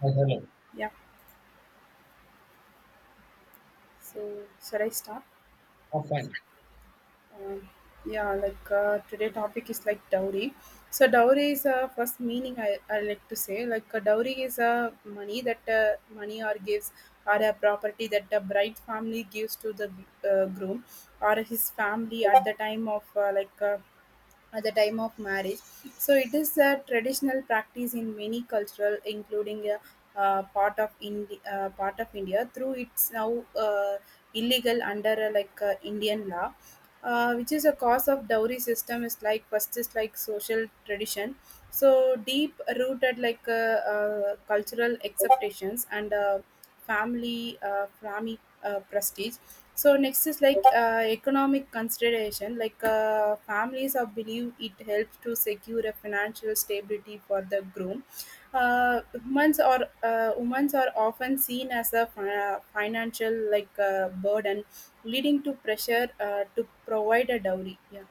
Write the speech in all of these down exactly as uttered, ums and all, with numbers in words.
Yes, hello. Yeah, so should I start? Oh, fine. Um, yeah, like uh, today topic is like dowry. So dowry is a uh, first meaning I, I like to say like a dowry is a money that uh, money or gives or a property that the bride family gives to the uh, groom or his family at the time of uh, like uh, at the time of marriage. So it is a traditional practice in many cultural, including a uh, part of Indi- uh, part of India. Through it's now uh, illegal under uh, like uh, Indian law, uh, which is a cause of dowry system. Is like first is like social tradition. So deep rooted like uh, uh, cultural acceptations and uh, family uh, family uh, prestige. So next is like uh, economic consideration. Like uh, families are believe it helps to secure a financial stability for the groom. Uh, women's or uh, women's are often seen as a fi- uh, financial like uh, burden, leading to pressure uh, to provide a dowry. Yeah,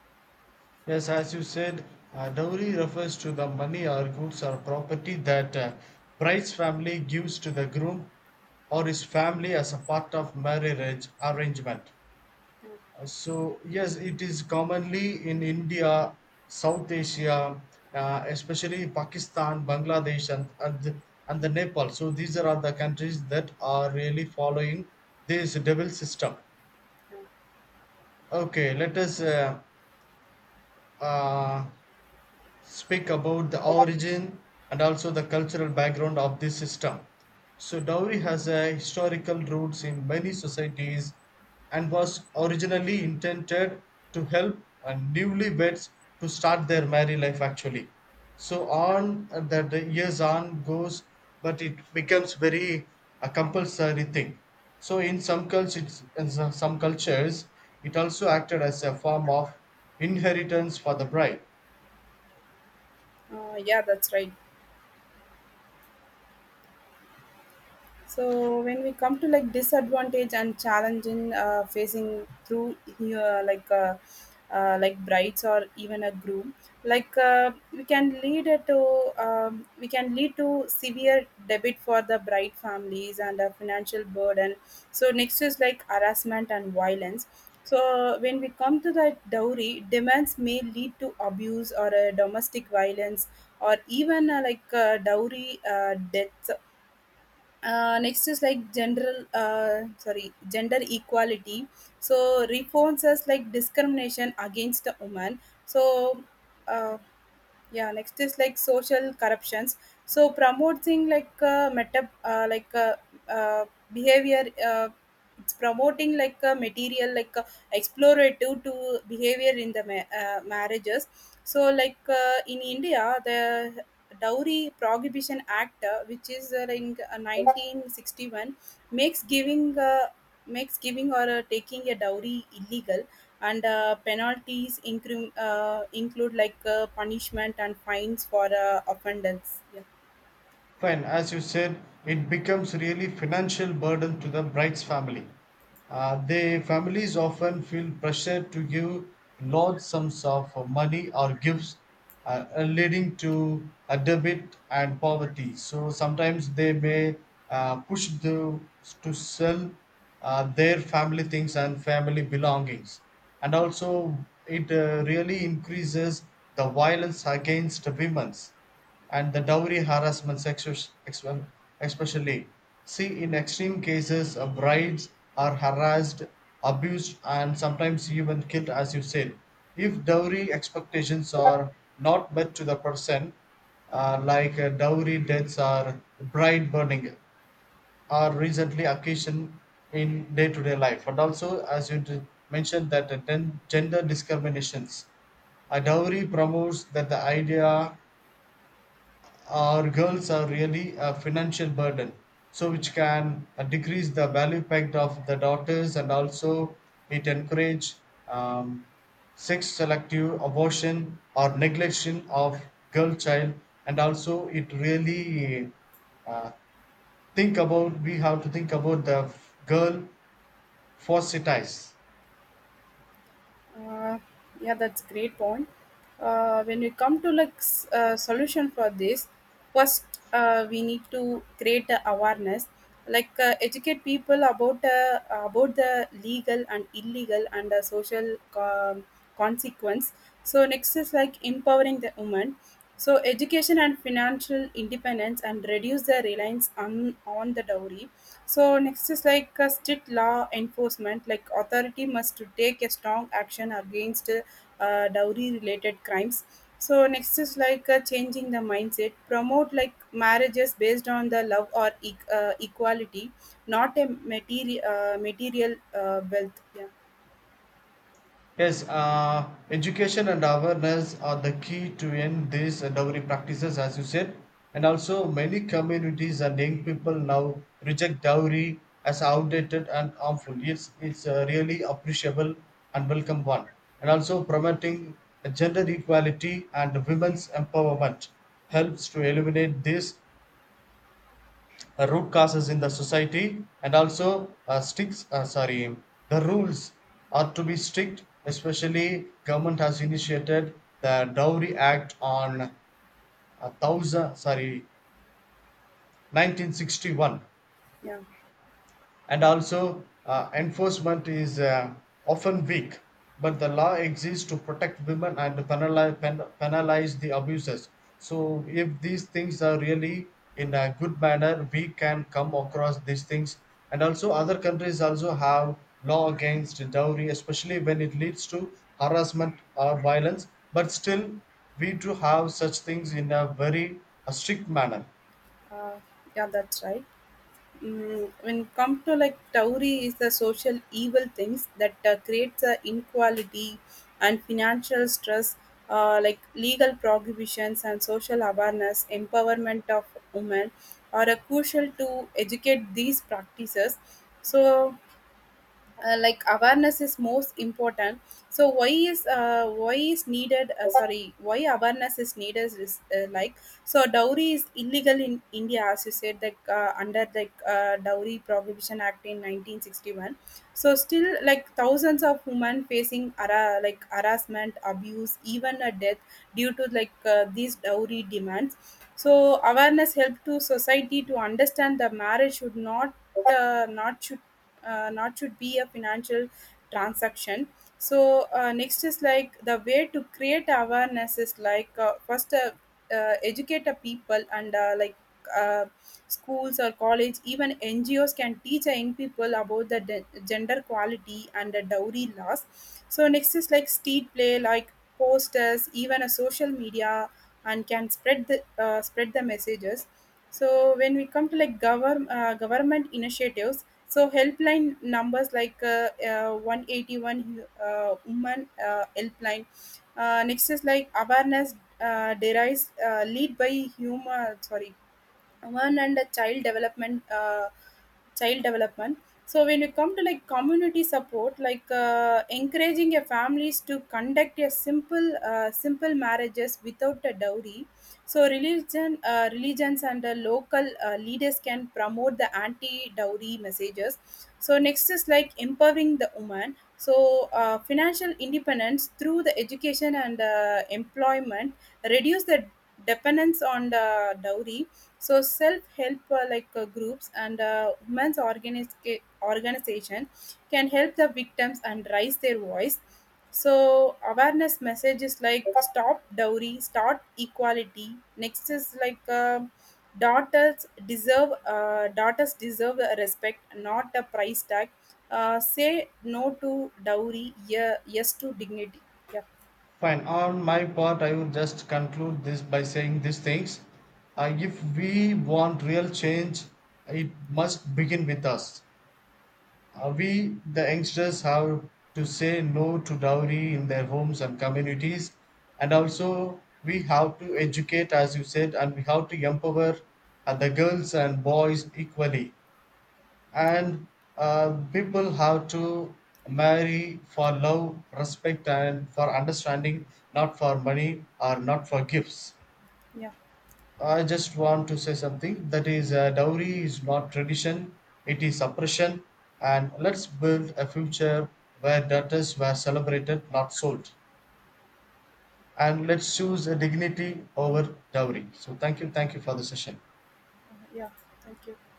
Yes, as you said, uh, dowry refers to the money or goods or property that uh, bride's family gives to the groom or his family as a part of marriage arrangement. Uh, So, yes, it is commonly in India, South Asia, uh, especially Pakistan, Bangladesh, and, and, the- and the Nepal. So, these are the countries that are really following this double system. Okay, let us. Uh, uh, Speak about the origin and also the cultural background of this system. So, dowry has a historical roots in many societies and was originally intended to help uh, newlyweds to start their married life actually. So, on uh, that the years on goes, but it becomes very a compulsory thing. So, in some cultures, in some some cultures, it also acted as a form of inheritance for the bride. uh, yeah, that's right. So when we come to like disadvantage and challenging uh, facing through uh, like uh, uh, like brides or even a groom, like uh, we can lead it to um, we can lead to severe debit for the bride families and a financial burden. So next is like harassment and violence. So when we come to the dowry, demands may lead to abuse or uh, domestic violence or even uh, like uh, dowry uh, death. Uh, next is like general uh, sorry gender equality, so reforms as like discrimination against the woman. So uh, yeah, next is like social corruptions, so promoting like uh, meta uh, like uh, uh, behavior. Uh, it's promoting like a material like uh, explorative to behavior in the ma- uh, marriages. So like uh, in india the dowry prohibition act uh, which is uh, in uh, nineteen sixty-one makes giving uh, makes giving or uh, taking a dowry illegal, and uh, penalties include uh, include like uh, punishment and fines for uh, offenders. Yeah. Fine, as you said, it becomes really financial burden to the bride's family. Uh, the families often feel pressure to give large sums of money or gifts, uh, uh, leading to a debit and poverty. So sometimes they may uh, push the, to sell uh, their family things and family belongings. And also, it uh, really increases the violence against women's and the dowry harassment sexus, ex- well, especially. See, in extreme cases, uh, brides are harassed, abused, and sometimes even killed, as you said. If dowry expectations are not met to the person, uh, like uh, dowry deaths or bride burning, are recently occasioned in day-to-day life. And also, as you d- mentioned, that uh, gen- gender discriminations. A dowry promotes that the idea our girls are really a financial burden, so which can uh, decrease the value packed of the daughters, and also it encourage um, sex selective abortion or neglection of girl child. And also it really uh, think about, we have to think about the f- girl forceties. Uh, yeah, that's great point. Uh, when we come to like s- uh, solution for this, first uh, we need to create a awareness, like uh, educate people about uh, about the legal and illegal and uh, social. Um, consequence. So next is like empowering the woman. So education and financial independence and reduce the reliance on on the dowry. So next is like a strict law enforcement, like authority must to take a strong action against uh, dowry related crimes. So next is like uh, changing the mindset, promote like marriages based on the love or e- uh, equality, not a material uh, material uh, wealth. Yeah, Yes, uh, education and awareness are the key to end these dowry practices, as you said. And also, many communities and young people now reject dowry as outdated and harmful. It's, it's a really appreciable and welcome one. And also, promoting gender equality and women's empowerment helps to eliminate these uh, root causes in the society. And also uh, sticks uh, sorry, the rules are to be strict, especially government has initiated the dowry act on a thousand sorry nineteen sixty-one, yeah, and also uh, enforcement is uh, often weak, but the law exists to protect women and penalize, pen, penalize the abusers. So if these things are really in a good manner, we can come across these things. And also other countries also have law against dowry, especially when it leads to harassment or violence, but still we do have such things in a very uh, strict manner. uh, yeah. That's right. Mm, when come to like dowry is the social evil things that uh, creates a inequality and financial stress. Uh, like legal prohibitions and social awareness empowerment of women are uh, crucial to educate these practices. So uh, like awareness is most important. So why is uh, why is needed uh, sorry why awareness is needed is uh, like so dowry is illegal in india, as you said, like uh, under the uh, dowry prohibition act in nineteen sixty-one. So still like thousands of women facing ara- like harassment, abuse, even a death due to like uh, these dowry demands. So awareness help to society to understand the marriage should not uh, not should uh, not should be a financial transaction. So uh, next is like the way to create awareness is like uh, first uh, uh, educate the people and uh, like uh, schools or college even ngos can teach the young people about the de- gender quality and the dowry laws. So next is like street play, like posters, even a social media, and can spread the uh, spread the messages. So when we come to like govern uh, government initiatives, so helpline numbers like uh, uh, one eight one uh, woman uh, helpline. Uh, next is like awareness uh, derives uh, lead by human sorry one and a child development uh, child development. So when you come to like community support, like uh, encouraging your families to conduct a simple uh, simple marriages without a dowry. So religion uh, religions and uh, local uh, leaders can promote the anti dowry messages. So next is like empowering the woman. So uh, financial independence through the education and uh, employment reduce the dependence on the dowry. So self-help uh, like uh, groups and uh, women's organis- organization can help the victims and raise their voice. So awareness messages like stop dowry start equality. Next is like um daughters deserve uh, daughters deserve a respect, not a price tag. Uh, say no to dowry, yeah, yes to dignity. Yeah, Fine. On my part, I would just conclude this by saying these things. Uh, if we want real change, it must begin with us. Uh, we, the youngsters, have to say no to dowry in their homes and communities. And also, we have to educate, as you said, and we have to empower uh, the girls and boys equally. And uh, people have to marry for love, respect, and for understanding, not for money or not for gifts. yeah, I just want to say something, that is, uh, dowry is not tradition, it is oppression. And let's build a future where daughters were celebrated, not sold. And let's choose a dignity over dowry. So thank you, thank you for the session. yeah, thank you.